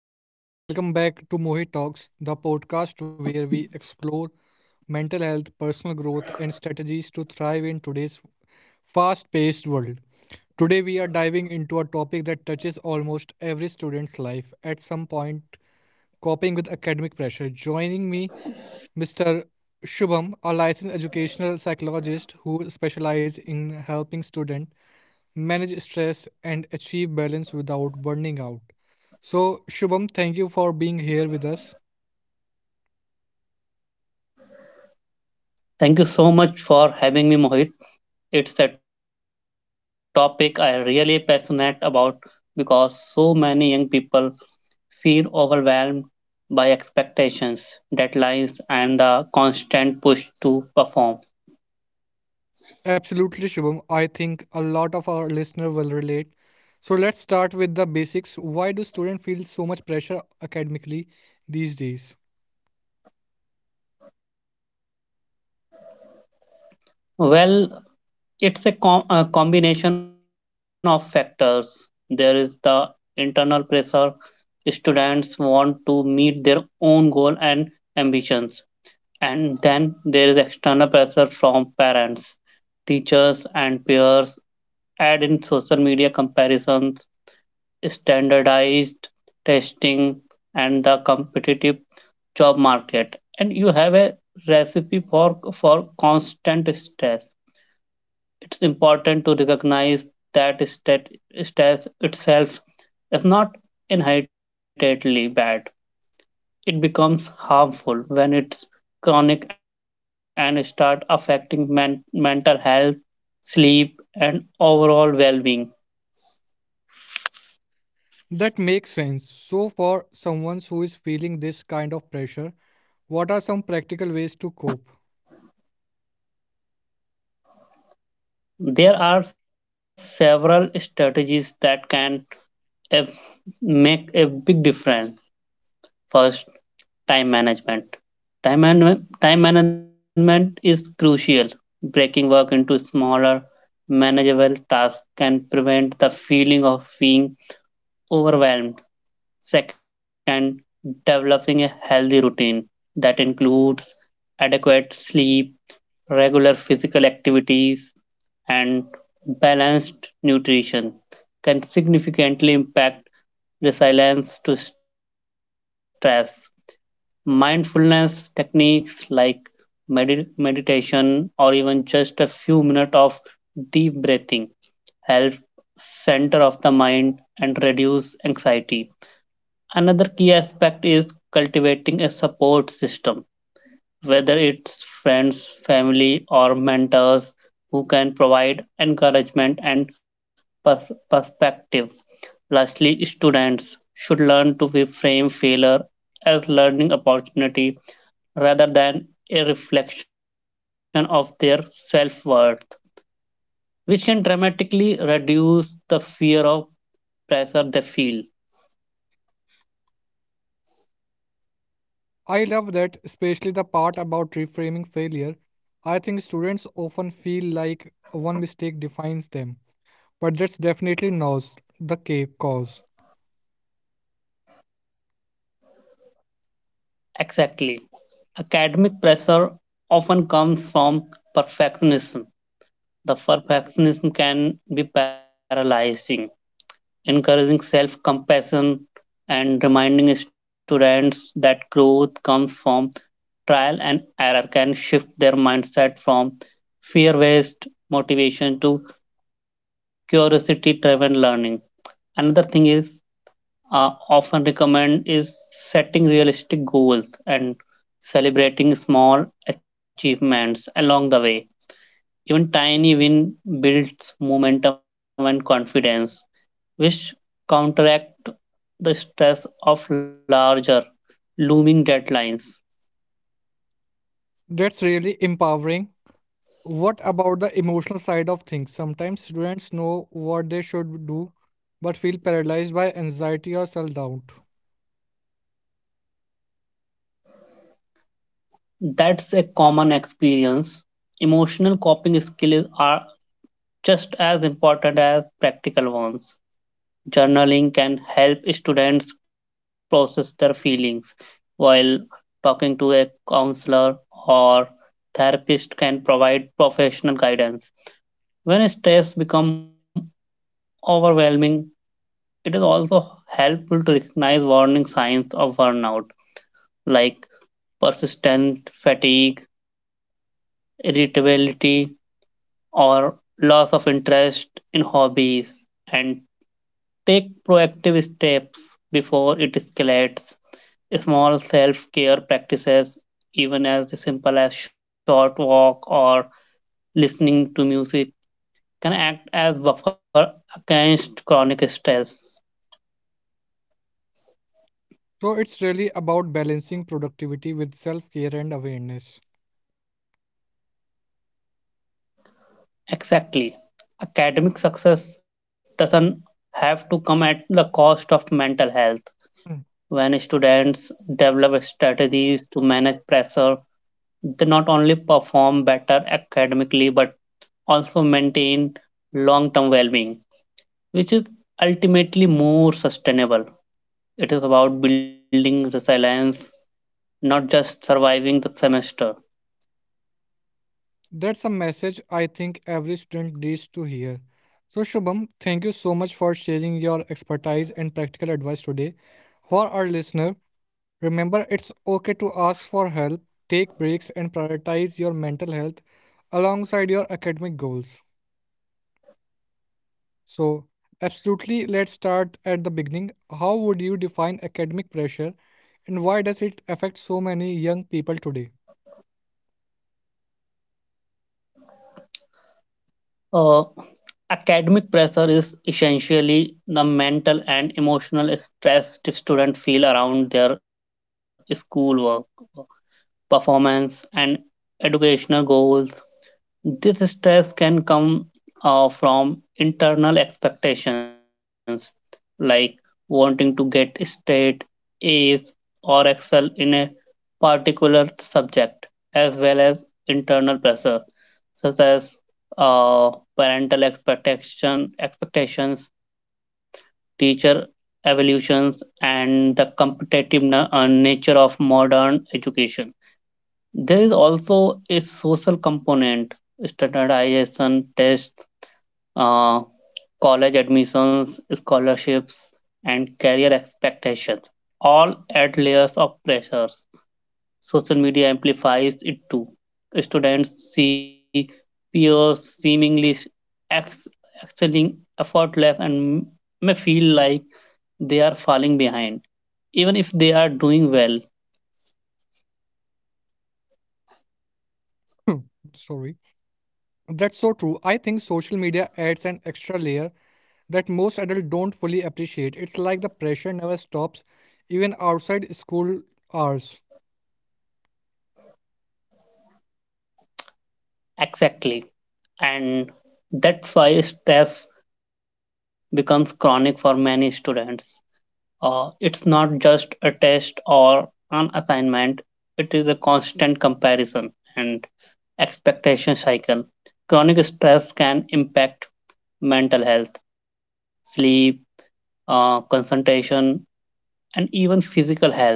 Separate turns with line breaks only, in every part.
Hello, everyone. Welcome back to Mohit Talks, the podcast where we explore mental health, personal growth, and strategies to thrive in today's fast paced world. Today, we are diving into a topic that touches almost every student's life at some point: coping with academic pressure. Joining me, Mr. Shubham, a licensed educational psychologist who specializes in helping students manage stress and achieve balance without burning out. So, Shubham, thank you for being here with us.
Thank you so much for having me, Mohit. It's a topic I really passionate about because so many young people feel overwhelmed by expectations, deadlines, and the constant push to perform.
Absolutely, Shubham. I think a lot of our listener will relate. So, let's start with the basics. Why do students feel so much pressure academically these days?
Well, it's a combination of factors. There is the internal pressure. Students want to meet their own goal and ambitions. And then there is external pressure from parents, teachers, and peers. Add in social media comparisons, standardized testing, and the competitive job market. And you have a recipe for constant stress. It's important to recognize that stat, stress itself is not inherently bad. It becomes harmful when it's chronic and start affecting mental health, sleep and overall well-being.
That makes sense. So, for someone who is feeling this kind of pressure, what are some practical ways to cope?
There are several strategies that can uh, make a big difference. First, time management. Time management is crucial. Breaking work into smaller manageable tasks can prevent the feeling of being overwhelmed. Second, developing a healthy routine that includes adequate sleep, regular physical activities, and balanced nutrition can significantly impact resilience to stress. Mindfulness techniques like meditation or even just a few minutes of deep breathing help center of the mind and reduce anxiety. Another key aspect is cultivating a support system, whether it's friends, family, or mentors who can provide encouragement and perspective. Lastly, students should learn to reframe failure as learning opportunity rather than a reflection of their self-worth, which can dramatically reduce the fear of pressure they feel.
I love that, especially the part about reframing failure. I think students often feel like one mistake defines them, but that's definitely not the cause.
Exactly. Academic pressure often comes from perfectionism. The perfectionism can be paralyzing, encouraging self compassion and reminding students that growth comes from trial and error can shift their mindset from fear based motivation to curiosity driven learning. Another thing is often recommend is setting realistic goals and celebrating small achievements along the way. Even tiny win builds momentum and confidence, which counteract the stress of larger looming deadlines.
That's really empowering. What about the emotional side of things? Sometimes students know what they should do, but feel paralyzed by anxiety or self doubt.
That's a common experience. Emotional coping skills are just as important as practical ones. Journaling can help students process their feelings while talking to a counselor or therapist can provide professional guidance when stress becomes overwhelming. It is also helpful to recognize warning signs of burnout like persistent fatigue, irritability, or loss of interest in hobbies and take proactive steps before it escalates. Small self care practices, even as simple as short walk or listening to music, can act as buffer against chronic stress.
So it's really about balancing productivity with self care and awareness.
Exactly. Academic success doesn't have to come at the cost of mental health. When students develop strategies to manage pressure, they not only perform better academically but also maintain long term well being, which is ultimately more sustainable. It is about building resilience, not just surviving the semester.
That's a message I think every student needs to hear. So, Shubham, thank you so much for sharing your expertise and practical advice today. For our listener, remember it's okay to ask for help, take breaks, and prioritize your mental health alongside your academic goals. So, absolutely, let's start at the beginning. How would you define academic pressure, and why does it affect so many young people today?
Uh, academic pressure is essentially the mental and emotional stress students feel around their schoolwork, performance, and educational goals. This stress can come from internal expectations like wanting to get straight A's or excel in a particular subject as well as internal pressure such as uh, parental expectations, teacher evolutions and the competitive nature of modern education. There is also a social component: standardization tests, uh, college admissions, scholarships and career expectations all add layers of pressures. Social media amplifies it too. Students see peers seemingly ex- excelling effortless and may feel like they are falling behind, even if they are doing well.
Sorry. That's so true. I think social media adds an extra layer that most adults don't fully appreciate. It's like the pressure never stops, even outside school hours.
Exactly. And that's why stress becomes chronic for many students. It's not just a test or an assignment, it is a constant comparison. And expectation cycle. Chronic stress can impact mental health, sleep, concentration, and even physical health,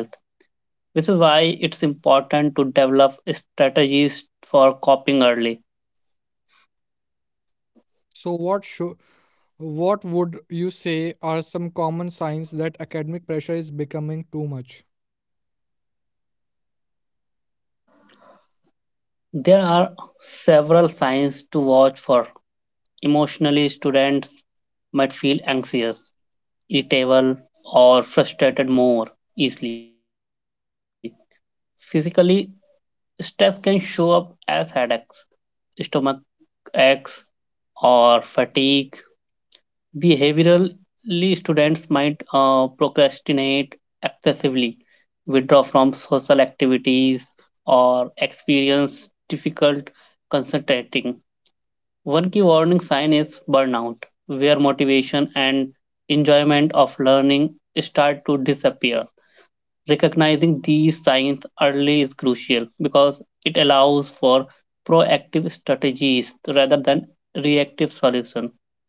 which is why it's important to develop strategies for coping early.
So, what would you say are some common signs that academic pressure is becoming too much?
There are several signs to watch for. Emotionally, students might feel anxious, irritable, or frustrated more easily. Physically, stress can show up as headaches, stomach aches, or fatigue. Behaviorally, students might procrastinate excessively, withdraw from social activities, or experience difficult concentrating. One key warning sign is burnout, where motivation and enjoyment of learning start to disappear. Recognizing these signs early is crucial because it allows for proactive strategies rather than reactive solutions.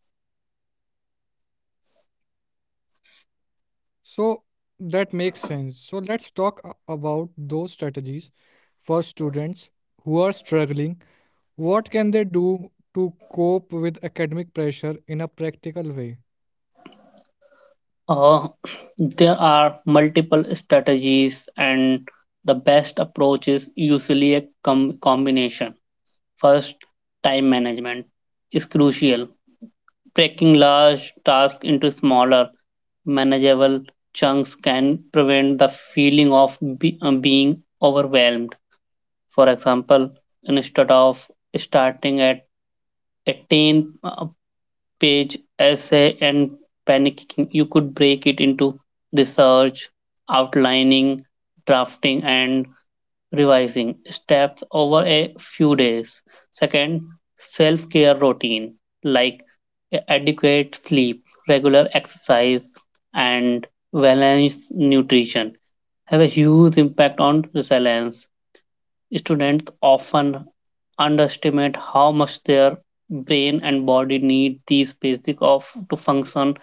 So, that makes sense. So, let's talk about those strategies for students who are struggling. What can they do to cope with academic pressure in a practical way?
Uh, there are multiple strategies and the best approach is usually a combination. First, time management is crucial. Breaking large tasks into smaller, manageable chunks can prevent the feeling of being overwhelmed. For example, instead of starting at a 10 page essay and panicking, you could break it into research, outlining, drafting, and revising steps over a few days. Second, self care routine like adequate sleep, regular exercise, and balanced nutrition have a huge impact on resilience. Students often underestimate how much their brain and body need these basic of to function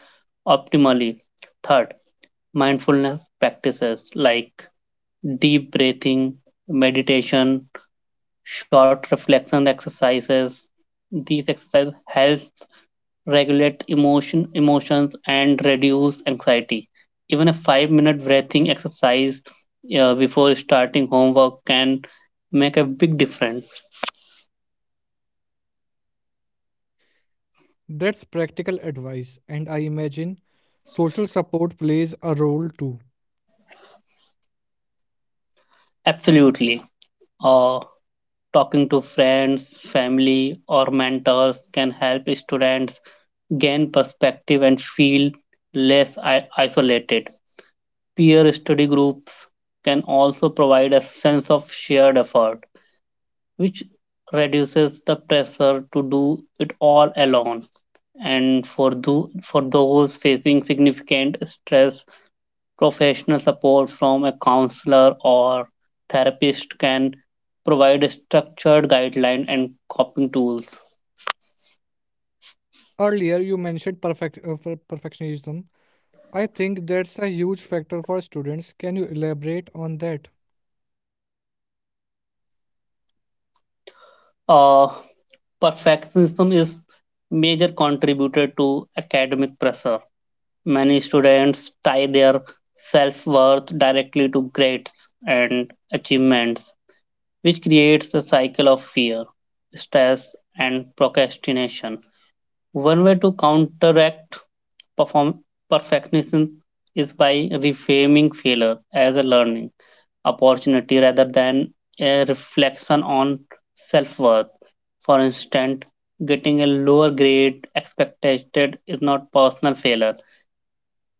optimally. Third, mindfulness practices like deep breathing, meditation, short reflection exercises. These exercises help regulate emotions and reduce anxiety. Even a 5-minute breathing exercise before starting homework can make a big difference.
That's practical advice, and I imagine social support plays a role too.
Absolutely. Uh, Talking to friends, family, or mentors can help students gain perspective and feel less isolated. Peer study groups can also provide a sense of shared effort, which reduces the pressure to do it all alone. And for those facing significant stress, professional support from a counselor or therapist can provide a structured guideline and coping tools.
Earlier, you mentioned perfectionism. I think that's a huge factor for students. Can you elaborate on that?
Uh, Perfectionism is major contributor to academic pressure. Many students tie their self-worth directly to grades and achievements, which creates a cycle of fear, stress, and procrastination. One way to counteract Perform- perfectionism is by reframing failure as a learning opportunity rather than a reflection on self worth. For instance, getting a lower grade expected is not personal failure.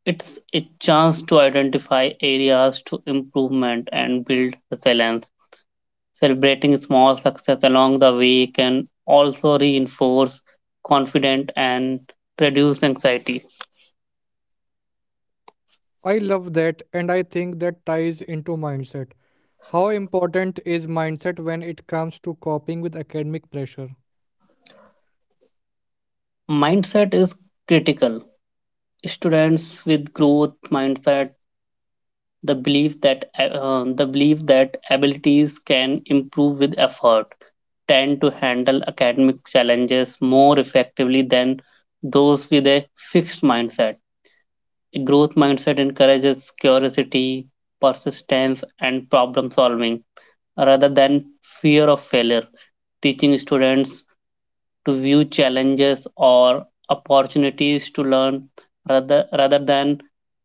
It's a chance to identify areas to improvement and build resilience. Celebrating small success along the way can also reinforce confidence and reduce anxiety.
I love that, and I think that ties into mindset. How important is mindset when it comes to coping with academic pressure?
Mindset is critical. Students with growth mindset, the belief that the belief that abilities can improve with effort, tend to handle academic challenges more effectively than those with a fixed mindset. A growth mindset encourages curiosity, persistence and problem solving rather than fear of failure. Teaching students to view challenges or opportunities to learn rather than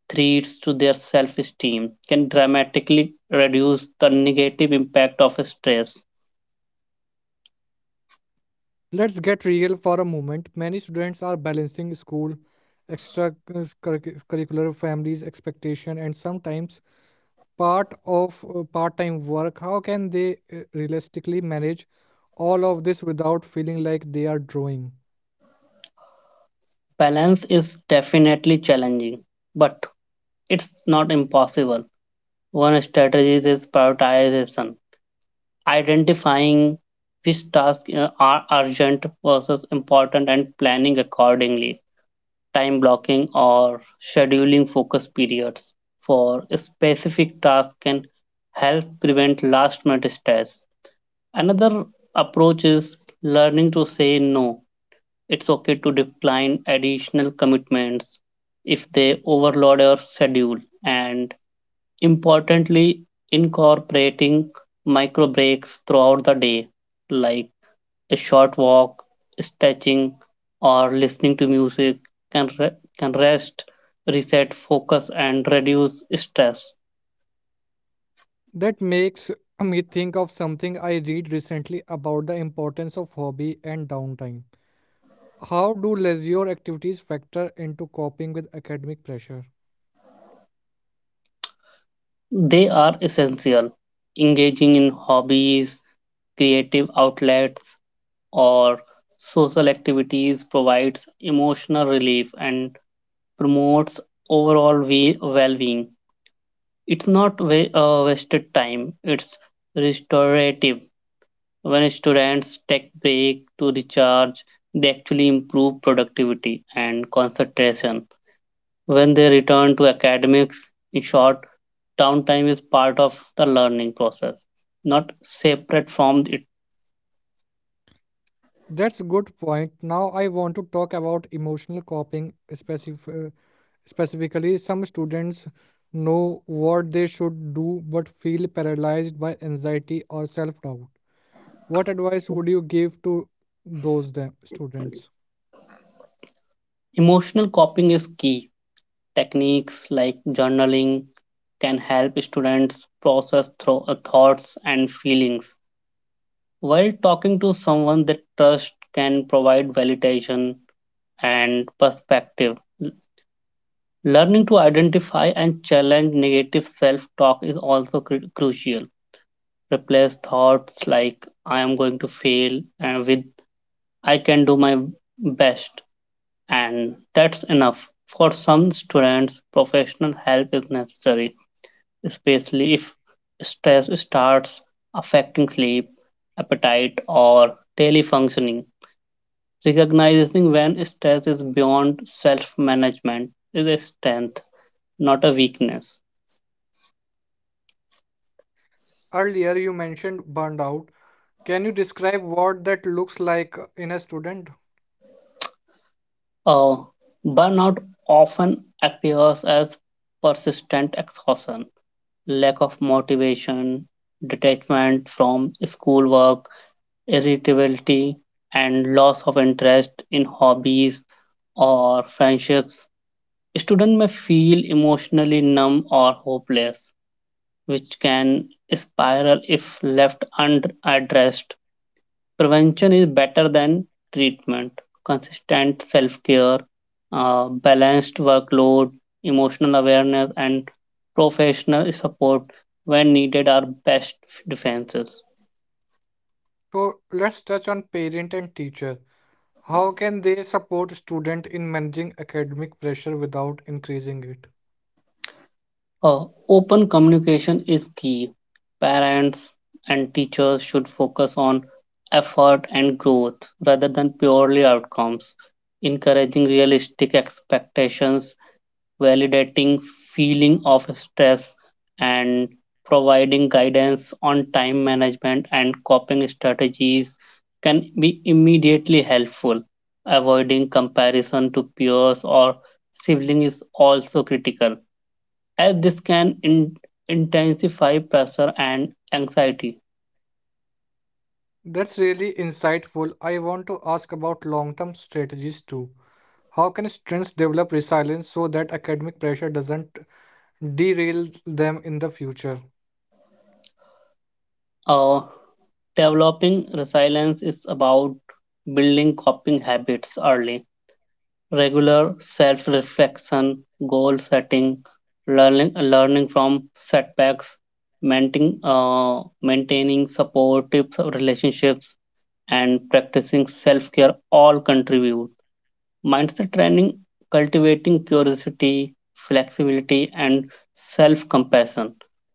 threats to their self esteem can dramatically reduce the negative impact of stress.
Let's get real for a moment. Many students are balancing school, extracurricular, families' expectation, and sometimes part-time work. How can they realistically manage all of this without feeling like they are drawing?
Balance is definitely challenging, but it's not impossible. One strategy is prioritization, identifying which tasks are urgent versus important and planning accordingly. Time blocking or scheduling focus periods for specific tasks can help prevent last minute stress. Another approach is learning to say no. It's okay to decline additional commitments if they overload your schedule, and importantly, incorporating micro breaks throughout the day, like a short walk, stretching, or listening to music, can, rest, reset, focus, and reduce stress.
That makes me think of something I read recently about the importance of hobby and downtime. How do leisure activities factor into coping with academic pressure?
They are essential. Engaging in hobbies, creative outlets, or social activities provides emotional relief and promotes overall well-being. It's not wasted time, it's restorative. When students take break to recharge, they actually improve productivity and concentration when they return to academics. In short, downtime is part of the learning process, not separate from it.
That's a good point. Now I want to talk about emotional coping specifically. Some students know what they should do but feel paralyzed by anxiety or self-doubt. What advice would you give to those students?
Emotional coping is key. Techniques like journaling can help students process thoughts and feelings, while talking to someone they trust can provide validation and perspective. Learning to identify and challenge negative self talk is also crucial. Replace thoughts like I am going to fail with I can do my best, and that's enough. For some students, professional help is necessary, especially if stress starts affecting sleep, appetite, or daily functioning. Recognizing when stress is beyond self management is a strength, not a weakness.
Earlier you mentioned burnout. Can you describe what that looks like in a student?
Uh, burnout often appears as persistent exhaustion, lack of motivation, detachment from schoolwork, irritability, and loss of interest in hobbies or friendships. Students may feel emotionally numb or hopeless, which can spiral if left unaddressed. Prevention is better than treatment. Consistent self care, balanced workload, emotional awareness, and professional support when needed are best defenses.
So let's touch on parent and teacher. How can they support student in managing academic pressure without increasing it?
Open communication is key. Parents and teachers should focus on effort and growth rather than purely outcomes. Encouraging realistic expectations, validating feeling of stress and providing guidance on time management and coping strategies can be immediately helpful. Avoiding comparison to peers or siblings is also critical, as this can intensify pressure and anxiety.
That's really insightful. I want to ask about long term strategies too. How can students develop resilience so that academic pressure doesn't derail them in the future?
Uh, developing resilience is about building coping habits early. Regular self-reflection, goal setting, learning from setbacks, maintaining supportive relationships, and practicing self-care all contribute. Mindset training, cultivating curiosity, flexibility, and self compassion,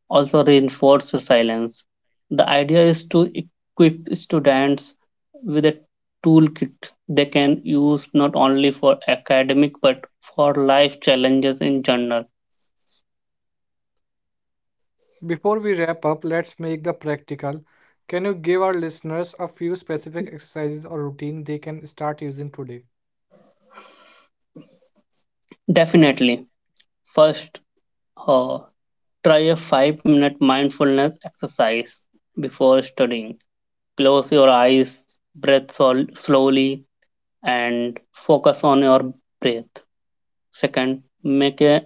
also reinforces silence. The idea is to equip students with a toolkit they can use not only for academic but for life challenges in general.
Before we wrap up, let's make the practical. Can you give our listeners a few specific exercises or routine they can start using today?
Definitely. First, uh, try a 5-minute mindfulness exercise before studying. Close your eyes, slowly, and focus on your breath. Second, make a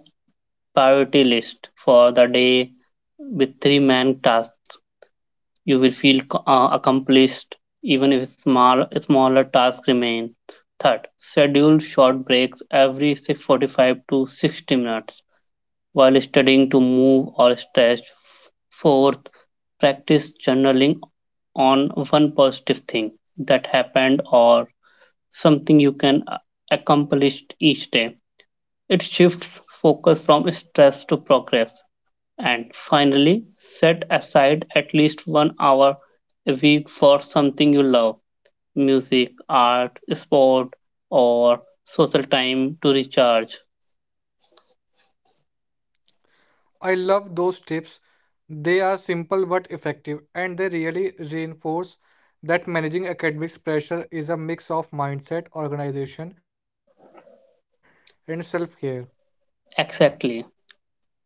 priority list for the day with 3 main tasks. You will feel accomplished even if smaller tasks remain. Third, schedule short breaks every 45 to 60 minutes while studying to move or stretch. Fourth, practice journaling on one positive thing that happened or something you can accomplish each day. It shifts focus from stress to progress. And finally, set aside at least 1 hour a week for something you love: music, art, sport, or social time to recharge.
I love those tips. They are simple but effective, and they really reinforce that managing academic pressure is a mix of mindset, organization, and self care.
Exactly.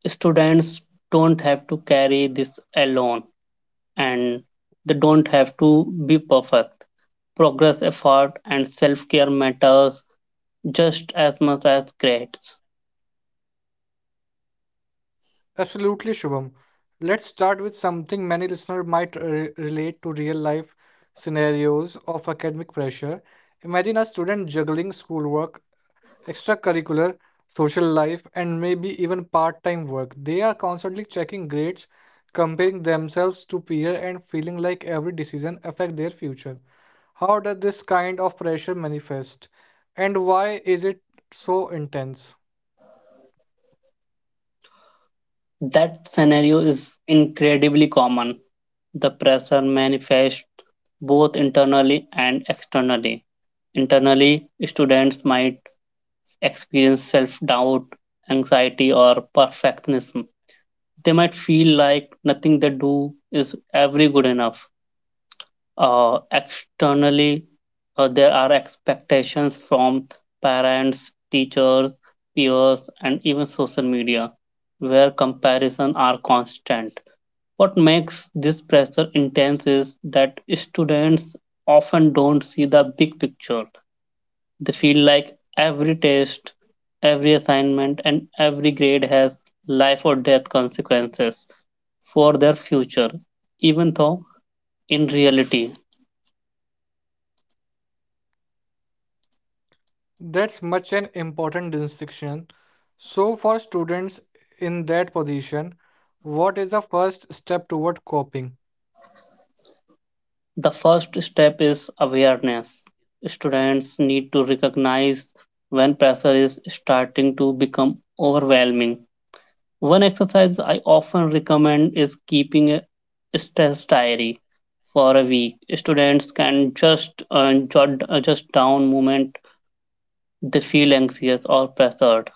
Students don't have to carry this alone, and they don't have to be perfect. Progress, effort, and self care matters just as much as crates.
Absolutely, Shubham. Let's start with something many listeners might relate to: real life scenarios of academic pressure. Imagine a student juggling schoolwork, extracurricular, social life, and maybe even part-time work. They are constantly checking grades, comparing themselves to peers, and feeling like every decision affects their future. How does this kind of pressure manifest, and why is it so intense?
That scenario is incredibly common. The pressure manifests both internally and externally. Internally, students might experience self doubt, anxiety, or perfectionism. They might feel like nothing they do is ever good enough. Externally, there are expectations from parents, teachers, peers, and even social media where comparison are constant. What makes this pressure intense is that students often don't see the big picture. They feel like every test, every assignment, and every grade has life or death consequences for their future, even though in reality.
That's much an important distinction. So, for students in that position, what is the first step toward coping?
The first step is awareness. Students need to recognize when pressure is starting to become overwhelming. One exercise I often recommend is keeping a stress diary for a week. Students can just jot just down moment they feel anxious or pressured,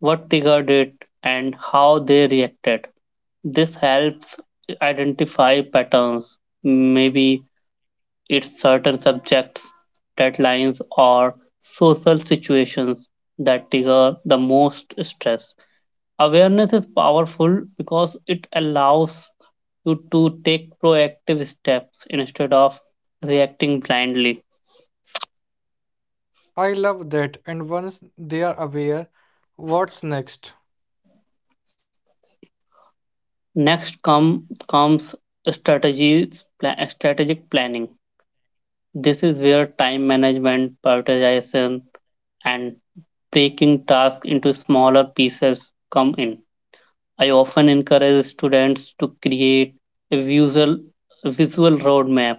what triggered it, and how they reacted. This helps identify patterns. Maybe it's certain subjects, deadlines, or social situations that trigger the most stress. Awareness is powerful because it allows you to take proactive steps instead of reacting blindly.
I love that. And once they are aware, what's next?
Next comes strategies, strategic planning. This is where time management, prioritization, and breaking tasks into smaller pieces come in. I often encourage students to create a visual, a visual roadmap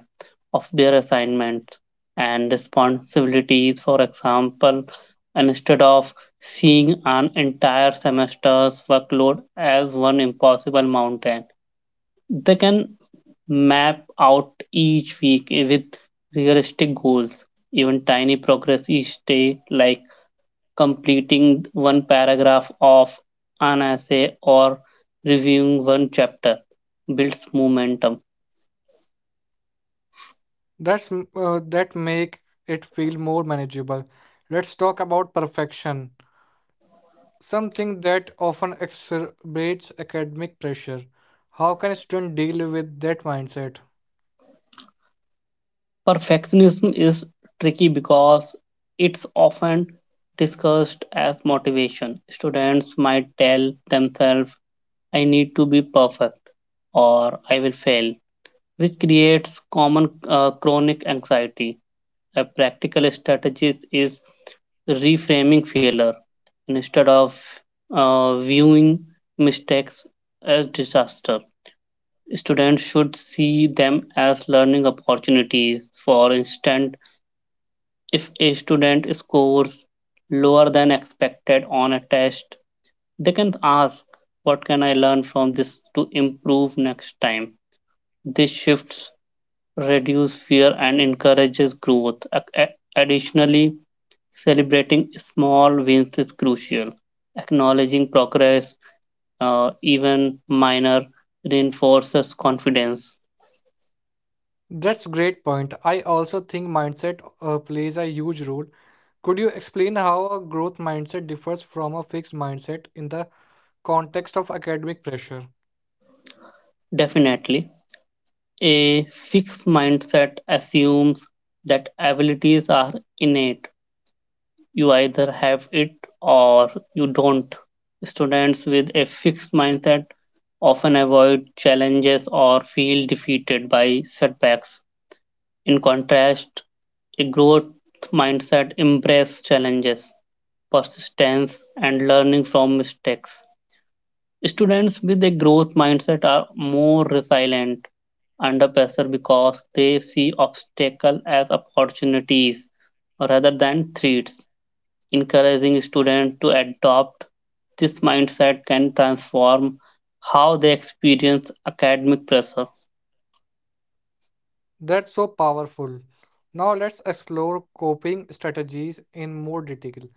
of their assignments and responsibilities. For example, instead of seeing an entire semester's workload as one impossible mountain, they can map out each week with realistic goals. Even tiny progress each day, like completing one paragraph of an essay or reviewing one chapter, builds momentum.
That make it feel more manageable. Let's talk about perfection, something that often exacerbates academic pressure. How can a student deal with that mindset?
Perfectionism is tricky because it's often discussed as motivation. Students might tell themselves, "I need to be perfect or I will fail," which creates common chronic anxiety. A practical strategy is reframing failure instead of viewing mistakes as disaster. Students should see them as learning opportunities. For instance, if a student scores lower than expected on a test, they can ask, "What can I learn from this to improve next time?" This shifts reduce fear and encourages growth. Additionally, celebrating small wins is crucial. Acknowledging progress, even minor, reinforces confidence.
That's great point. I also think mindset plays a huge role. Could you explain how a growth mindset differs from a fixed mindset in the context of academic pressure?
Definitely, a fixed mindset assumes that abilities are innate. You either have it or you don't. Students with a fixed mindset often avoid challenges or feel defeated by setbacks. In contrast, a growth mindset embraces challenges, persistence, and learning from mistakes. Students with a growth mindset are more resilient under pressure because they see obstacles as opportunities rather than threats. Encouraging students to adopt this mindset can transform how they experience academic pressure.
That's so powerful. Now let's explore coping strategies in more detail.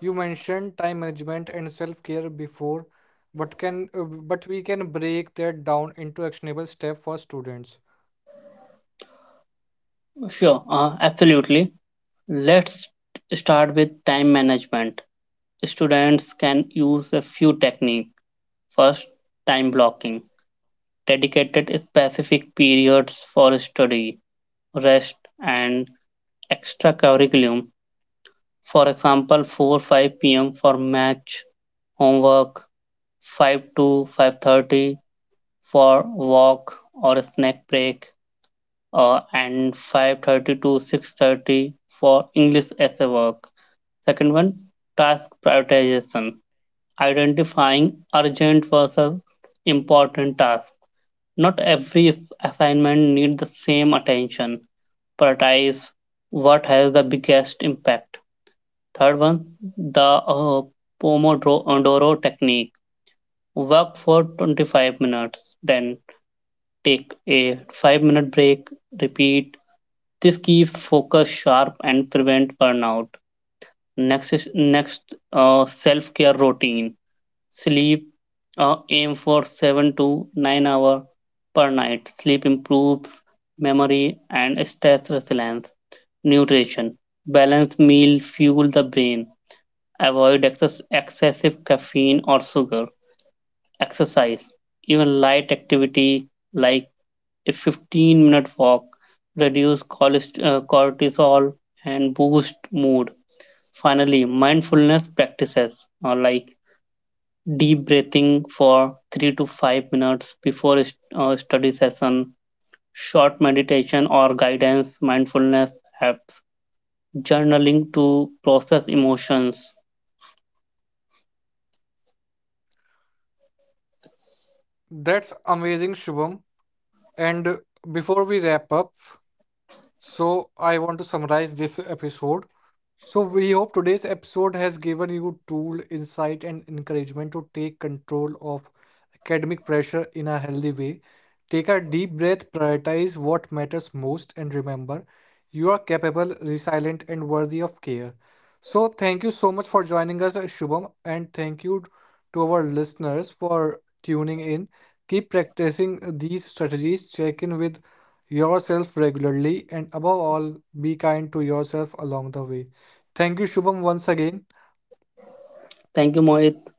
You mentioned time management and self-care before, but can but we can break that down into actionable steps for students.
Sure, absolutely. Let's start with time management. Students can use a few techniques. First, time blocking, dedicated specific periods for study, rest, and extra curriculum. For example, 4 to 5 p.m. for match, homework, 5 to 5:30 for walk or snack break, and 5:30 to 6:30 for English essay work. Second one, task prioritization, identifying urgent versus important tasks. Not every assignment needs the same attention. Prioritize what has the biggest impact. Third one, the uh, Pomodoro technique. Work for 25 minutes, then take a 5-minute break, repeat. This keeps focus sharp and prevent burnout. Next, self-care routine. Sleep, aim for 7 to 9 hour per night. Sleep improves memory and stress resilience. Nutrition, balanced meal fuel the brain. Avoid excessive caffeine or sugar. Exercise, even light activity like a 15-minute walk, reduce cortisol, and boost mood. Finally, mindfulness practices like deep breathing for 3 to 5 minutes before a study session, short meditation or guidance mindfulness apps, journaling to process emotions.
That's amazing, Shubham. And Before we wrap up, I want to summarize this episode. So, we hope today's episode has given you tool, insight, and encouragement to take control of academic pressure in a healthy way. Take a deep breath, prioritize what matters most, and remember you are capable, resilient, and worthy of care. So, thank you so much for joining us, Shubham, and thank you to our listeners for tuning in. Keep practicing these strategies, check in with yourself regularly, and above all, be kind to yourself along the way. Thank you, Shubham, once again.
Thank you, Mohit.